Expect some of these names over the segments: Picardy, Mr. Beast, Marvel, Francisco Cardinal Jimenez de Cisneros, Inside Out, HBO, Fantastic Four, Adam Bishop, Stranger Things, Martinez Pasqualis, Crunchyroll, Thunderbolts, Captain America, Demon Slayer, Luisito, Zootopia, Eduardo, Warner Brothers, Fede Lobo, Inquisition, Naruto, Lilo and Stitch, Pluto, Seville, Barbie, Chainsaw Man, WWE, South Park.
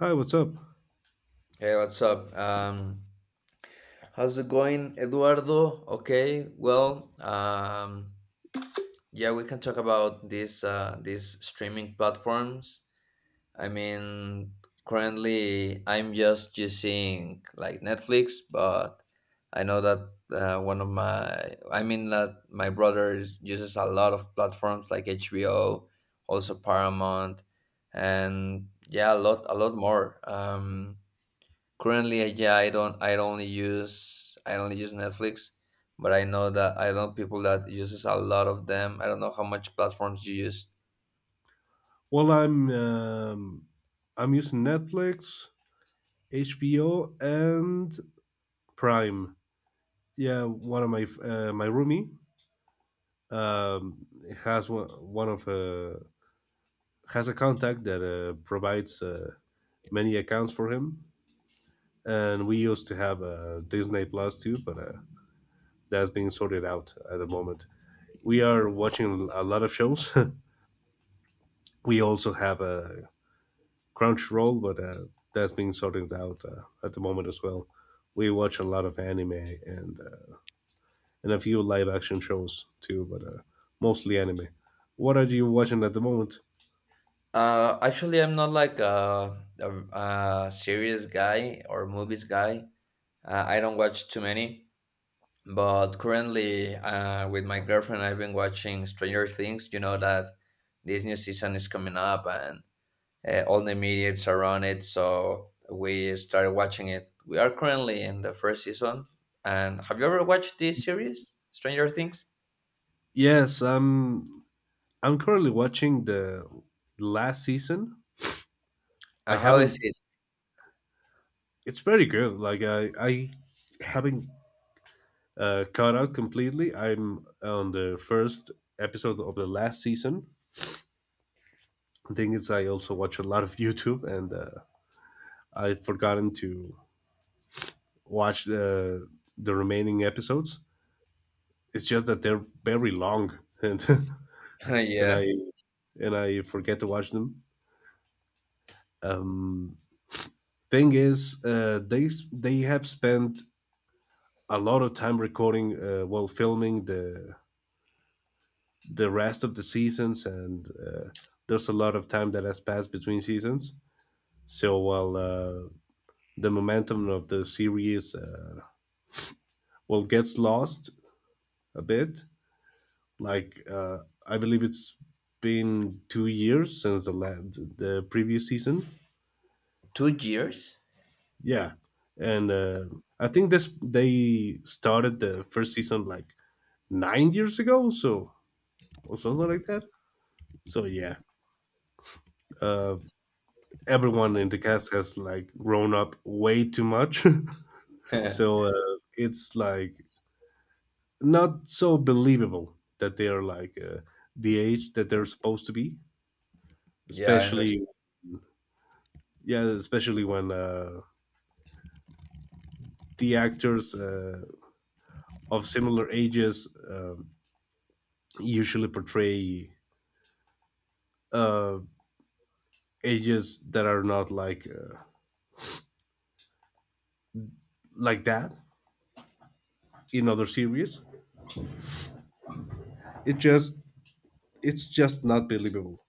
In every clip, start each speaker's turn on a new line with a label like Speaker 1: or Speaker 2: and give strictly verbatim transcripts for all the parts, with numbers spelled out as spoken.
Speaker 1: Hi, what's up?
Speaker 2: Hey, what's up? Um, how's it going, Eduardo? Okay, well, um, yeah, we can talk about these uh, these streaming platforms. I mean, currently I'm just using like Netflix, but I know that uh, one of my, I mean, that my brother is- uses a lot of platforms like H B O, also Paramount, and yeah, a lot, a lot more. Um, Currently, I- yeah, I don't, I only use, I only use Netflix, but I know that I know people that uses a lot of them. I don't know how much platforms you use.
Speaker 1: Well, I'm um, I'm using Netflix, H B O, and Prime. Yeah, one of my uh, my roomie um, has one, one of uh, has a contact that uh, provides uh, many accounts for him, and we used to have uh, Disney Plus too, but uh, that's being sorted out at the moment. We are watching a lot of shows. We also have uh, Crunchyroll, but uh, that's being sorted out uh, at the moment as well. We watch a lot of anime and uh, and a few live action shows too, but uh, mostly anime. What are you watching at the moment?
Speaker 2: Uh, actually, I'm not like a, a, a serious guy or movies guy. Uh, I don't watch too many. But currently, uh, with my girlfriend, I've been watching Stranger Things. You know that this new season is coming up, and uh, all the mediates around it. So we started watching it. We are currently in the first season. And have you ever watched this series, Stranger Things?
Speaker 1: Yes, I'm I'm currently watching the last season. I
Speaker 2: Uh, how is
Speaker 1: haven't.
Speaker 2: it?
Speaker 1: It's very good. Like I I haven't uh, caught out completely. I'm on the first episode of the last season. The thing is, I also watch a lot of YouTube, and uh, I've forgotten to watch the the remaining episodes. It's just that they're very long, and and I
Speaker 2: Yeah,
Speaker 1: and I forget to watch them. Um, Thing is, uh, they s- they have spent a lot of time recording, uh, well, filming the the rest of the seasons, and uh, there's a lot of time that has passed between seasons. So while uh, the momentum of the series uh, well gets lost a bit. Like uh, I believe it's been two years since the la- the previous season.
Speaker 2: two years.
Speaker 1: Yeah, and uh, I think this they started the first season like nine years ago, so or something like that. So yeah, uh, everyone in the cast has like grown up way too much.
Speaker 2: Yeah,
Speaker 1: So uh, it's like not so believable that they are like uh, the age that they're supposed to be,
Speaker 2: I
Speaker 1: especially
Speaker 2: understand.
Speaker 1: yeah, especially when uh, the actors uh, of similar ages um usually portray uh, ages that are not like uh, like that in other series. It just it's just not believable.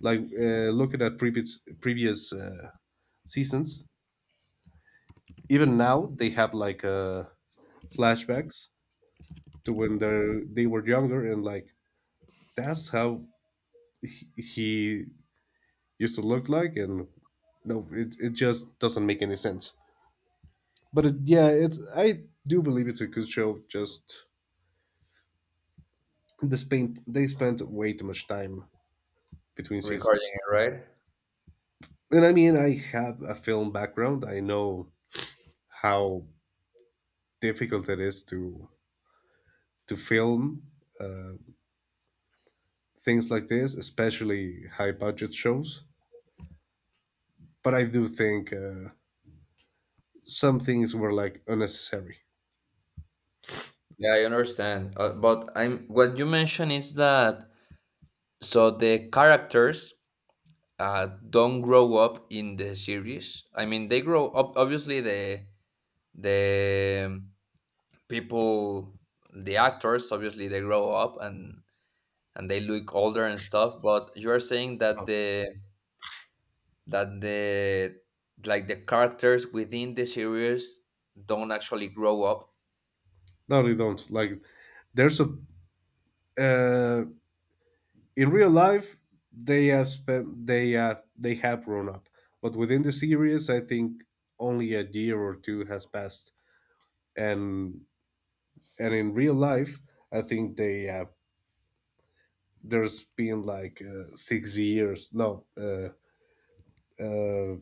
Speaker 1: Like uh, looking at previous previous uh, seasons, even now they have like uh, flashbacks to when they they were younger, and like that's how he used to look like, and no, it it just doesn't make any sense. But it, yeah, it's I do believe it's a good show. Just they spent they spent way too much time between
Speaker 2: Recording
Speaker 1: seasons.
Speaker 2: it, right?
Speaker 1: And I mean, I have a film background. I know how difficult it is to to film uh, things like this, especially high budget shows. But I do think uh, some things were like unnecessary.
Speaker 2: Yeah, I understand. Uh, but I'm what you mentioned is that, so the characters uh, don't grow up in the series. I mean, they grow up. Obviously, the the people the actors, obviously they grow up, and and they look older and stuff, but you are saying that the that the like the characters within the series don't actually grow up.
Speaker 1: No, they don't. Like there's a uh, in real life they have spent they uh, they have grown up, but within the series, I think only a year or two has passed, and and in real life, I think they have there's been like uh, six years. No, uh, uh,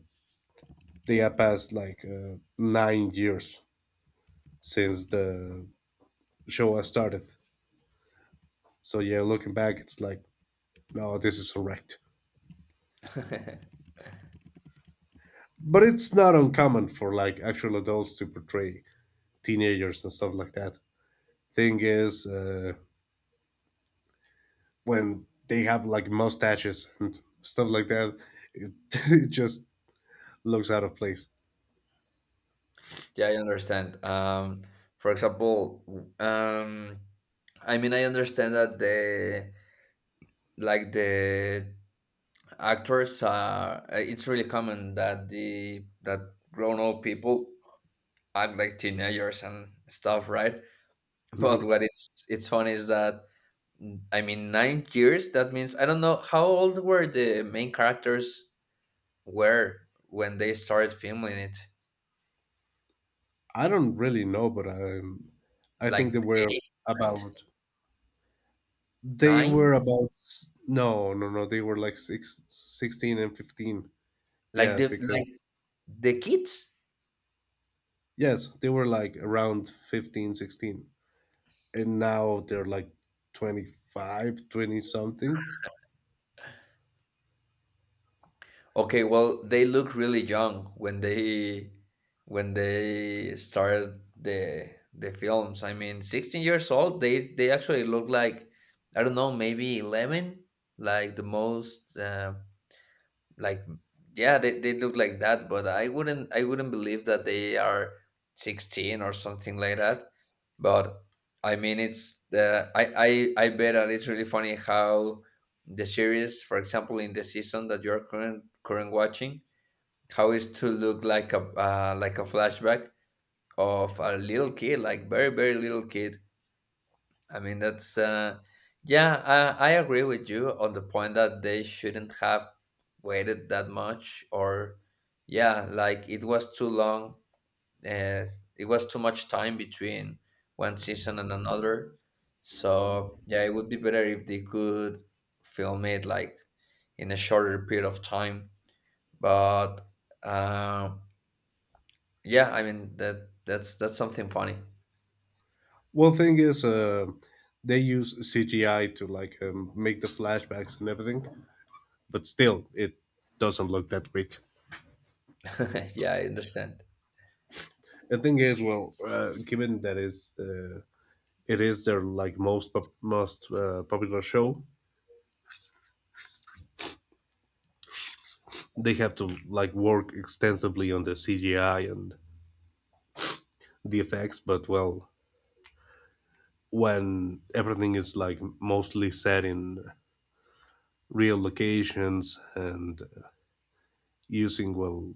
Speaker 1: they have passed like uh, nine years since the show has started. So yeah, looking back, it's like, no, this is correct, but it's not uncommon for like actual adults to portray teenagers and stuff like that. Thing is, uh, when they have like mustaches and stuff like that, It, it just looks out of place.
Speaker 2: Yeah, I understand. um for example, um I mean, I understand that, the like, the actors are, it's really common that the that grown up people act like teenagers and stuff, right? But
Speaker 1: Hmm.
Speaker 2: what it's it's funny is that, mm, I mean, nine years. That means I don't know how old were the main characters were when they started filming it.
Speaker 1: I don't really know, but I I think
Speaker 2: Like
Speaker 1: they were
Speaker 2: eight, right?
Speaker 1: about they
Speaker 2: Nine?
Speaker 1: were about s- no, no, no, they were like six, sixteen, and fifteen.
Speaker 2: Like
Speaker 1: Yeah,
Speaker 2: the
Speaker 1: because
Speaker 2: like the kids?
Speaker 1: yes, they were like around fifteen, sixteen, and now they're like twenty five, twenty something.
Speaker 2: Okay, well, they look really young when they when they started the the films. I mean, sixteen years old. They they actually look like, I don't know, maybe eleven. Like the most. Uh, like, yeah, they, they look like that, but i wouldn't i wouldn't believe that they are sixteen or something like that, but I mean it's the I I, I bet that it's really funny how the series, for example, in the season that you're current current watching, how is to look like a uh, like a flashback of a little kid, like very very little kid. I mean, that's uh, yeah, I, I agree with you on the point that they shouldn't have waited that much, or yeah, like it was too long. Uh, it was too much time between one season and another. So yeah, it would be better if they could film it like in a shorter period of time. But uh, yeah, I mean that that's that's something funny.
Speaker 1: Well, thing is, uh, they use C G I to like um, make the flashbacks and everything, but still, it doesn't look that weak.
Speaker 2: Yeah, I understand.
Speaker 1: The thing is, well, uh, given that is uh, it is their like most pop- most uh, popular show, they have to like work extensively on the C G I and the effects. But well, when everything is like mostly set in real locations and uh, using well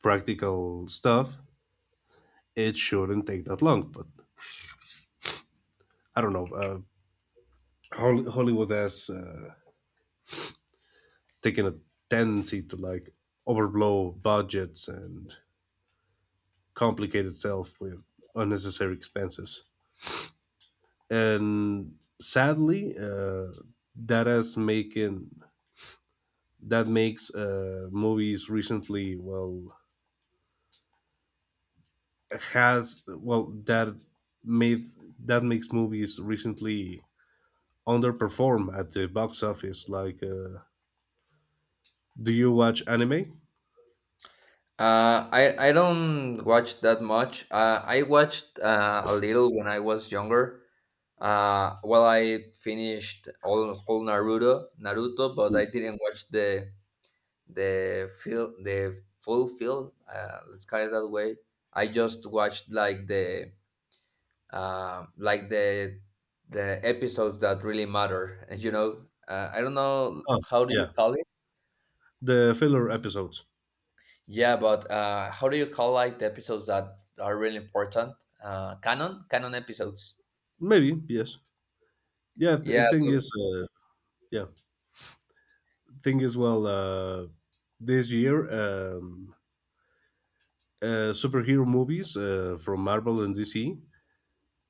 Speaker 1: practical stuff, it shouldn't take that long. But I don't know. Uh, Hollywood has uh, taken a tendency to like overblow budgets and complicate itself with unnecessary expenses. And sadly, uh, that has making that makes uh, movies recently well has well that made that makes movies recently underperform at the box office. Like, uh, do you watch anime?
Speaker 2: Uh, I I don't watch that much. Uh, I watched uh, a little when I was younger. Uh, well, I finished all all Naruto, Naruto, but I didn't watch the the fil the full film. Uh, let's call it that way. I just watched like the uh, like the the episodes that really matter. You know, uh, I don't know
Speaker 1: Oh,
Speaker 2: how do you
Speaker 1: yeah,
Speaker 2: call it.
Speaker 1: the filler episodes.
Speaker 2: Yeah, but uh, how do you call like the episodes that are really important? Uh, canon, canon episodes.
Speaker 1: Maybe yes. Yeah, th- the
Speaker 2: Yeah,
Speaker 1: thing is, uh, yeah, thing is, well, uh, this year, um, uh, superhero movies uh, from Marvel and D C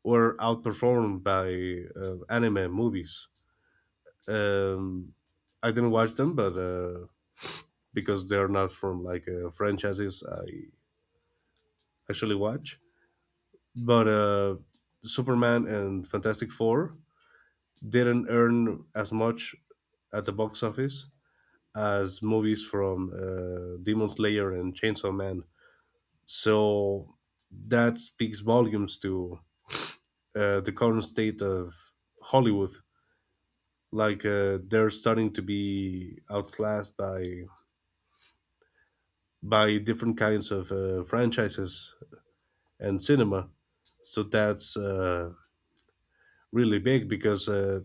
Speaker 1: were outperformed by uh, anime movies. Um, I didn't watch them, but uh, because they're not from like uh, franchises I actually watch. But uh, Superman and Fantastic Four didn't earn as much at the box office as movies from uh, Demon Slayer and Chainsaw Man. So that speaks volumes to uh, the current state of Hollywood. Like uh, they're starting to be outclassed by by different kinds of uh, franchises and cinema. So that's uh, really big because uh,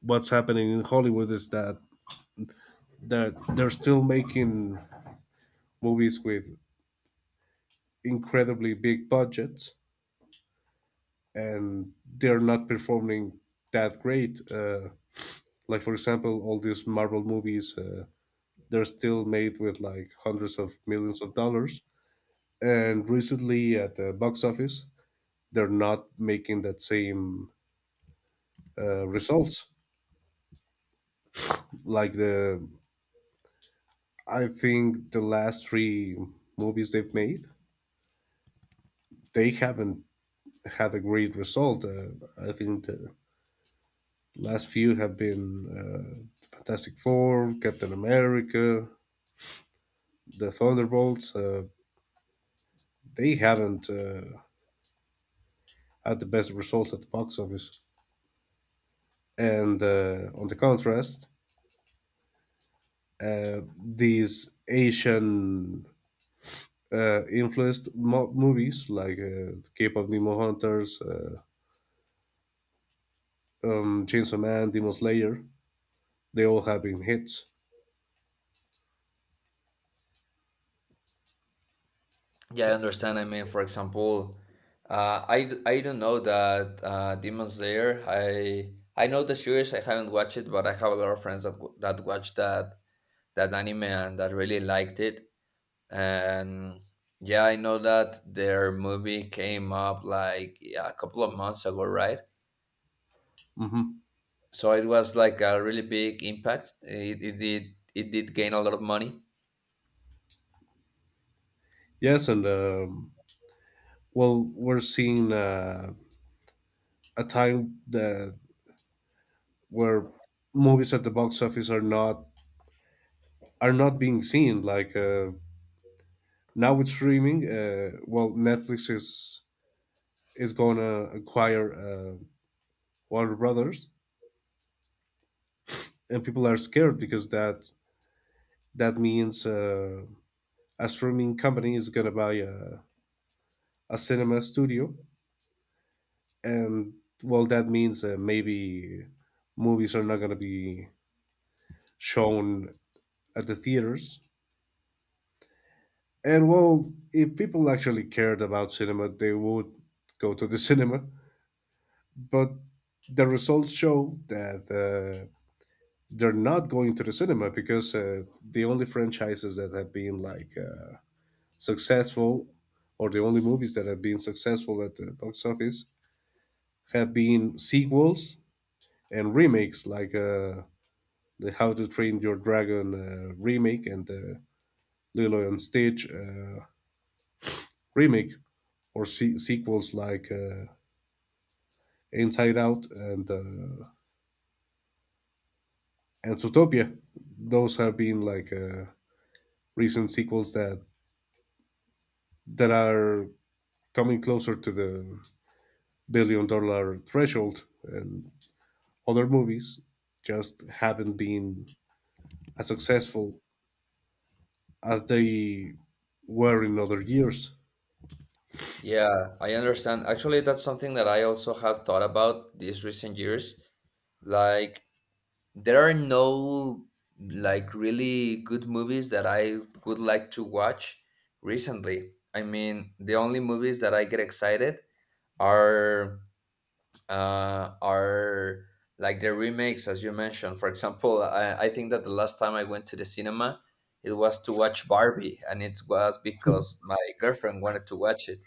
Speaker 1: what's happening in Hollywood is that that they're still making movies with incredibly big budgets, and they're not performing that great. Uh, like for example, all these Marvel movies, uh, they're still made with like hundreds of millions of dollars, and recently at the box office, they're not making that same uh, results. Like the, I think the last three movies they've made, they haven't had a great result. Uh, I think the last few have been uh, Fantastic Four, Captain America, the Thunderbolts. Uh, they haven't uh, had the best results at the box office. And uh, on the contrast, uh, these Asian uh, influenced mo- movies like uh, K-pop Demon Hunters, uh, um, Chainsaw Man, Demon Slayer, they all have been hits.
Speaker 2: yeah, I understand. I mean, for example, uh, I d- I don't know that uh, Demon Slayer. I I know the series. I haven't watched it, but I have a lot of friends that w- that watched that that anime and that really liked it. And yeah, I know that their movie came up, like, yeah, a couple of months ago, right?
Speaker 1: Mhm.
Speaker 2: So it was like a really big impact, it, it did it did gain a lot of money.
Speaker 1: Yes, and um, well, we're seeing uh, a time that where movies at the box office are not are not being seen. Like uh, now with streaming, uh, well, Netflix is is gonna acquire uh, Warner Brothers, and people are scared because that that means uh, a streaming company is gonna buy a, a cinema studio, and well, that means uh, maybe movies are not gonna be shown at the theaters. And well, if people actually cared about cinema, they would go to the cinema. But the results show that uh, they're not going to the cinema because uh, the only franchises that have been like uh, successful, or the only movies that have been successful at the box office, have been sequels and remakes like uh, the How to Train Your Dragon uh, remake and the Lilo and Stitch uh, remake, or se- sequels like uh, Inside Out, and uh, and Zootopia. Those have been like uh, recent sequels that that are coming closer to the billion dollar threshold, and other movies just haven't been as successful as they were in other years.
Speaker 2: Yeah, I understand, actually that's something that I also have thought about these recent years. Like, there are no like really good movies that I would like to watch recently. I mean, the only movies that I get excited are uh, are like the remakes, as you mentioned. For example, I, I think that the last time I went to the cinema, it was to watch Barbie, and it was because my girlfriend wanted to watch it.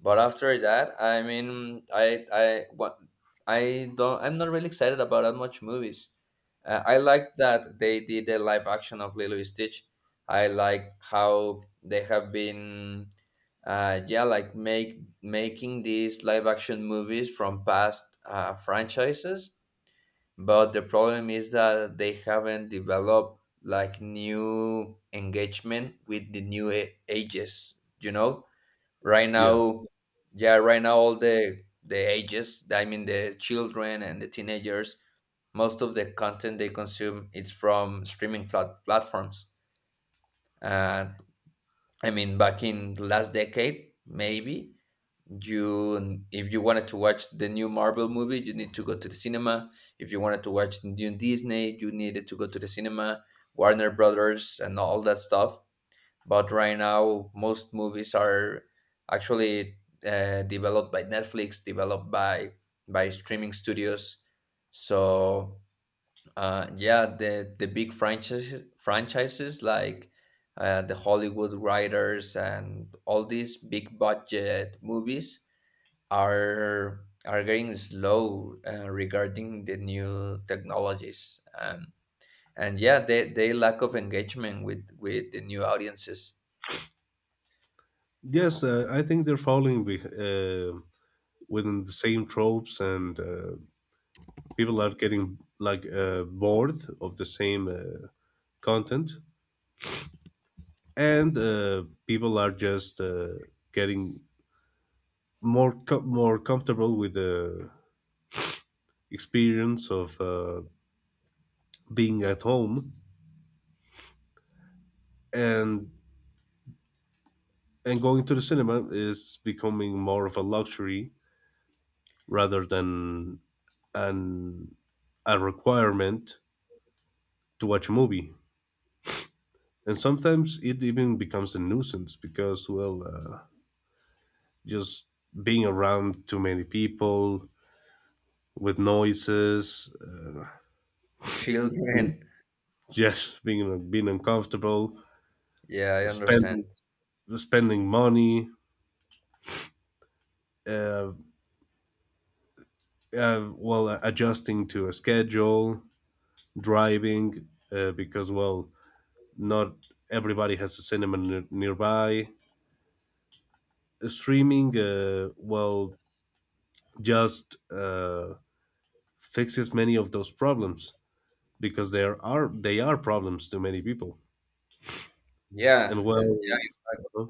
Speaker 2: But after that, I mean, I I what I don't I'm not really excited about that much movies. Uh, I like that they did the live action of Lilo and Stitch. I like how they have been, uh, yeah, like make making these live action movies from past uh, franchises. But the problem is that they haven't developed like new engagement with the new a- ages. You know, right
Speaker 1: Yeah.
Speaker 2: now, yeah, right now, all the the ages, I mean, the children and the teenagers, most of the content they consume is from streaming plat- platforms. uh, I mean, back in the last decade, maybe, you if you wanted to watch the new Marvel movie, you need to go to the cinema. If you wanted to watch new Disney, you needed to go to the cinema, Warner Brothers and all that stuff. But right now, most movies are actually uh, developed by Netflix, developed by by streaming studios. So uh, yeah, the the big franchises franchises like uh, the Hollywood writers and all these big budget movies are are getting slow uh, regarding the new technologies, um, and yeah, they, they lack of engagement with with the new audiences.
Speaker 1: Yes, uh, I think they're falling beh uh, within the same tropes, and uh, people are getting like uh, bored of the same uh, content, and uh, people are just uh, getting more co- more comfortable with the experience of uh, being at home, and and going to the cinema is becoming more of a luxury rather than an a requirement to watch a movie. And sometimes it even becomes a nuisance because, well, uh, just being around too many people with noises, uh, being-
Speaker 2: Children.
Speaker 1: yes, being being uncomfortable,
Speaker 2: Yeah, I understand.
Speaker 1: spending spending money, uh, uh, well, adjusting to a schedule, driving, uh, because well, not everybody has a cinema near- nearby Streaming, uh, well, just uh, fixes many of those problems because there are they are problems to many people. And
Speaker 2: Yeah, uh,
Speaker 1: well,
Speaker 2: yeah.
Speaker 1: uh,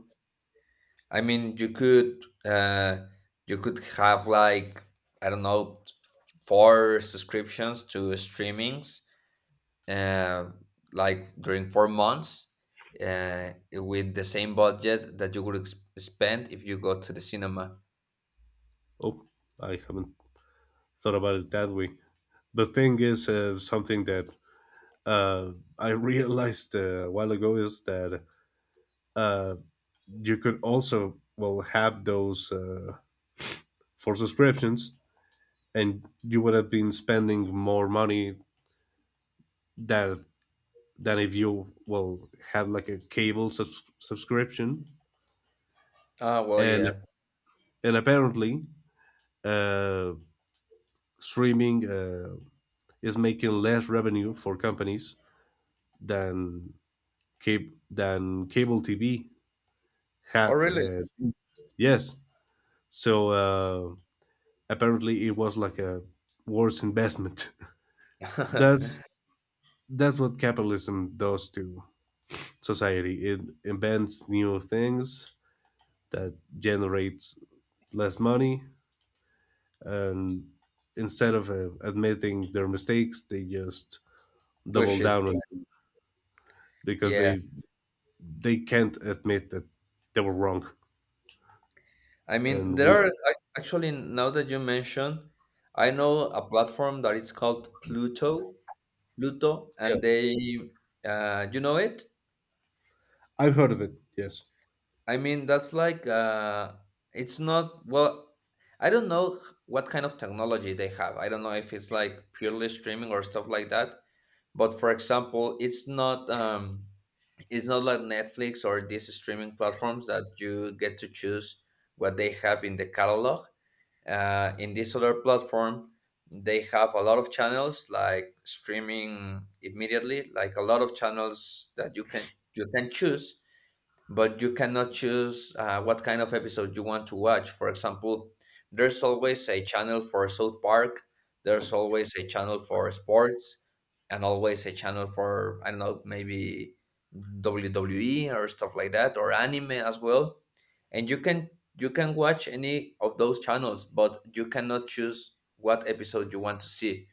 Speaker 2: I mean, you could uh, you could have like, I don't know, four subscriptions to streamings, uh, like during four months, uh, with the same budget that you would ex spend if you go to the cinema.
Speaker 1: oh, I haven't thought about it that way. The thing is, uh, something that uh, I realized uh, a while ago is that uh, you could also well have those uh, for subscriptions, and you would have been spending more money than than if you well had like a cable subs- subscription,
Speaker 2: Ah, well,
Speaker 1: and
Speaker 2: yeah.
Speaker 1: and apparently uh, streaming uh, is making less revenue for companies than cable than cable T V
Speaker 2: Oh,
Speaker 1: had.
Speaker 2: really?
Speaker 1: Uh, yes, so uh, apparently it was like a worse investment. that's that's what capitalism does to society: it invents new things that generates less money, and instead of uh, admitting their mistakes, they just double
Speaker 2: Push it.
Speaker 1: down on them because
Speaker 2: Yeah.
Speaker 1: they they can't admit that they were wrong.
Speaker 2: I mean,
Speaker 1: And
Speaker 2: there
Speaker 1: we
Speaker 2: are ac- actually, now that you mention, I know a platform that it's called Pluto, Pluto,
Speaker 1: yeah,
Speaker 2: and they, uh, you know it?
Speaker 1: I've heard of it. Yes.
Speaker 2: I mean, that's like, uh, it's not, well, I don't know h- what kind of technology they have. I don't know if it's like purely streaming or stuff like that. But for example, it's not, um, it's not like Netflix or these streaming platforms that you get to choose what they have in the catalog. Uh, in this other platform, they have a lot of channels like streaming immediately, like a lot of channels that you can you can choose, but you cannot choose uh, what kind of episode you want to watch. For example, there's always a channel for South Park, there's always a channel for sports, and always a channel for, I don't know, maybe W W E or stuff like that, or anime as well. And you can you can watch any of those channels, but you cannot choose what episode you want to see.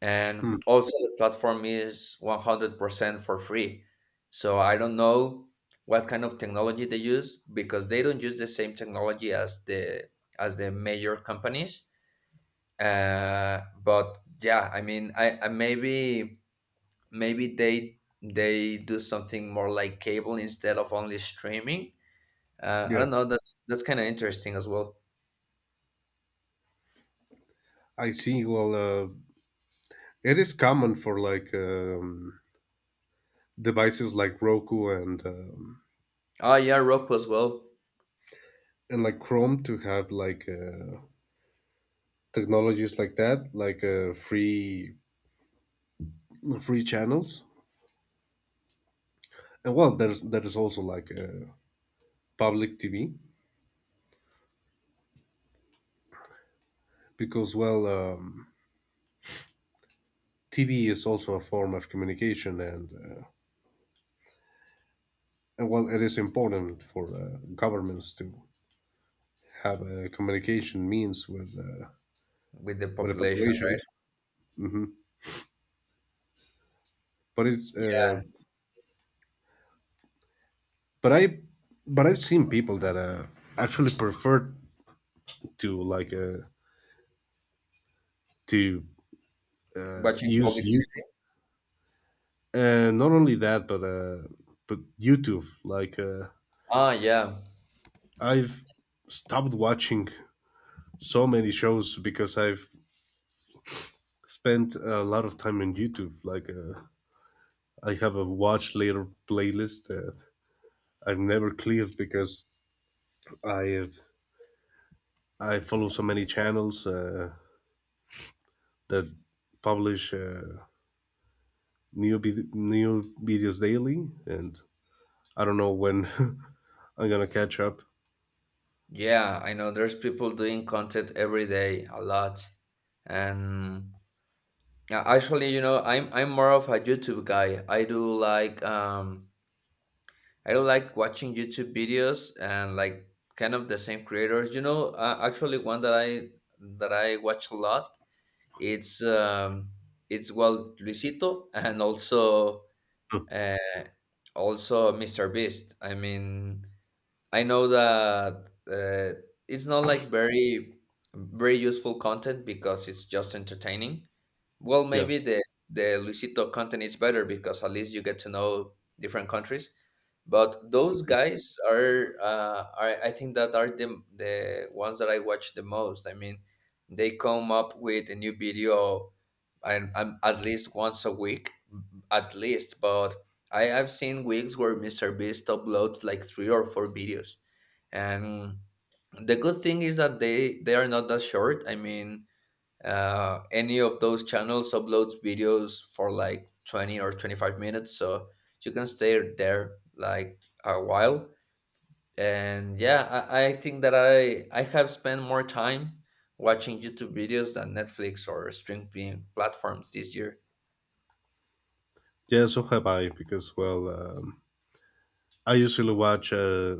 Speaker 2: And
Speaker 1: Hmm.
Speaker 2: also the platform is one hundred percent for free. So I don't know what kind of technology they use because they don't use the same technology as the as the major companies, uh, but yeah, I mean, I, I maybe maybe they they do something more like cable instead of only streaming. uh, I
Speaker 1: Yeah,
Speaker 2: don't know, that's that's kind of interesting as well.
Speaker 1: I see. Well, uh, it is common for like um, devices like Roku and um,
Speaker 2: Oh, yeah, Roku as well.
Speaker 1: and like Chrome to have like uh, technologies like that, like uh, free free channels. And well, there's there's also like uh, public T V because, well, um, T V is also a form of communication, and, uh, and well, it is important for uh, governments to have a communication means with uh,
Speaker 2: With the
Speaker 1: with the
Speaker 2: population, right.
Speaker 1: populations. But it's
Speaker 2: Yeah,
Speaker 1: uh, but I but I've seen people that uh, actually prefer to like uh, to uh,
Speaker 2: watching
Speaker 1: use
Speaker 2: public
Speaker 1: you.
Speaker 2: T V.
Speaker 1: Uh, not only that, but uh, but YouTube. Like uh,
Speaker 2: Ah, yeah.
Speaker 1: I've stopped watching so many shows because I've spent a lot of time on YouTube. Like uh, I have a watch later playlist that I've never cleared because I have, I follow so many channels uh, that publish uh, new vid- new videos daily, and I don't know when I'm gonna catch up.
Speaker 2: Yeah, I know there's people doing content every day, a lot, and. Yeah, actually, you know, I'm I'm more of a YouTube guy. I do like um I do like watching YouTube videos and like kind of the same creators. You know, uh, actually, one that I that I watch a lot, it's um it's well Luisito, and also
Speaker 1: Hmm,
Speaker 2: uh also mister Beast. I mean, I know that uh, it's not like very very useful content because it's just entertaining, well,
Speaker 1: yeah,
Speaker 2: maybe the the Luisito content is better because at least you get to know different countries. But those guys are, uh, are I think that are the the ones that I watch the most. I mean, they come up with a new video, and um, at least once a week, at least. But I have seen weeks where mister Beast uploads like three or four videos, and the good thing is that they they are not that short. I mean, uh, any of those channels uploads videos for like twenty or twenty-five minutes, so you can stay there like a while, and yeah, i, I think that i i have spent more time watching YouTube videos than Netflix or streaming platforms this year.
Speaker 1: yeah. So have I, because well. Um, I usually watch uh,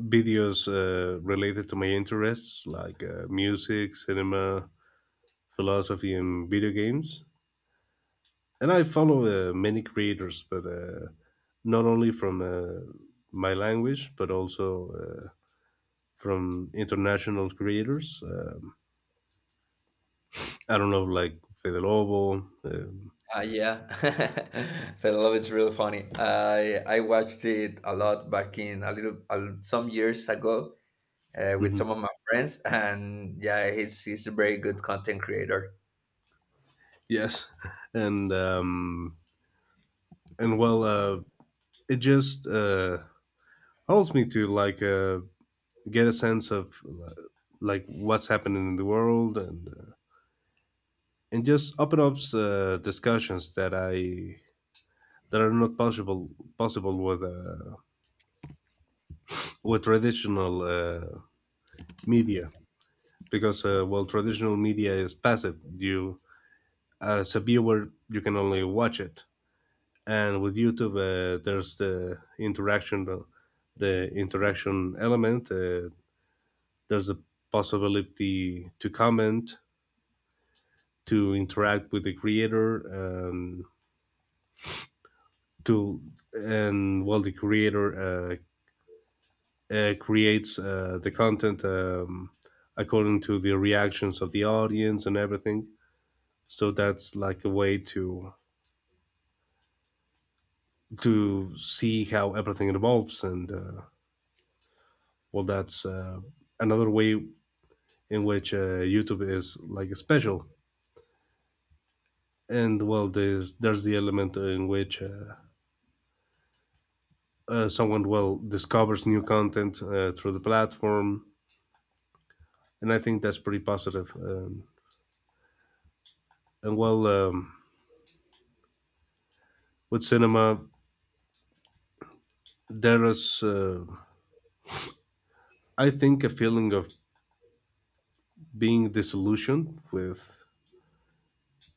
Speaker 1: videos uh, related to my interests, like uh, music, cinema, philosophy, and video games. And I follow uh, many creators, but uh, not only from uh, my language, but also uh, from international creators. Um, I don't know, like Fede Lobo. Um,
Speaker 2: Uh, yeah, Fell in Love is real funny. I I watched it a lot back in a little uh, some years ago uh, with some
Speaker 1: mhm.
Speaker 2: of my friends, and yeah, he's he's a very good content creator.
Speaker 1: Yes, and um, and well, uh, it just uh, helps me to like uh, get a sense of uh, like what's happening in the world, and uh, and just open up uh, discussions that I that are not possible possible with uh, with traditional uh, media, because uh, well, traditional media is passive: you as a viewer you can only watch it. And with YouTube, uh, there's the interaction the interaction element. Uh, there's a possibility to comment, to interact with the creator, and to and well, the creator uh, uh, creates uh, the content, um, according to the reactions of the audience and everything. So that's like a way to to see how everything evolves. And uh, well, that's uh, another way in which uh, YouTube is like special. And well, there's there's the element in which uh, uh, someone well discovers new content uh, through the platform, and I think that's pretty positive. Um, and well, um, with cinema, there is uh, I think a feeling of being disillusioned with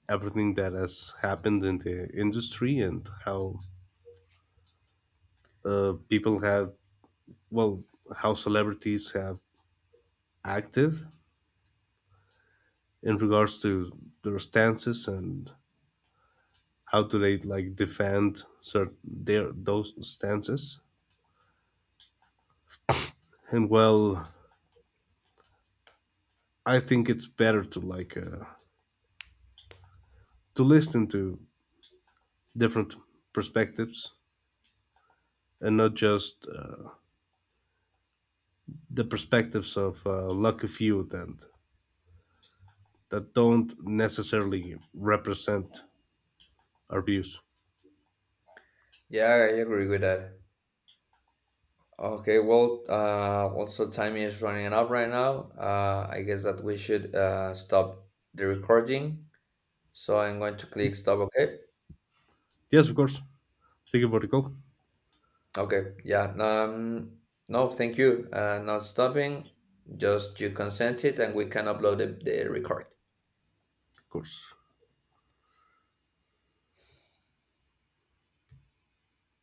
Speaker 1: everything that has happened in the industry, and how uh, people have well, how celebrities have acted in regards to their stances, and how do they like defend certain their those stances. And well, I think it's better to like uh, to listen to different perspectives, and not just uh, the perspectives of uh, lucky few that that don't necessarily represent our views.
Speaker 2: Yeah, I agree with that. Okay, well, uh, also time is running up right now. Uh, I guess that we should uh, stop the recording. So I'm going to click stop. Okay.
Speaker 1: Yes, of course. Thank vertical,
Speaker 2: Okay, yeah. Um, no, thank you. Uh, not stopping, just you consent it, and we can upload the, the record.
Speaker 1: Of course.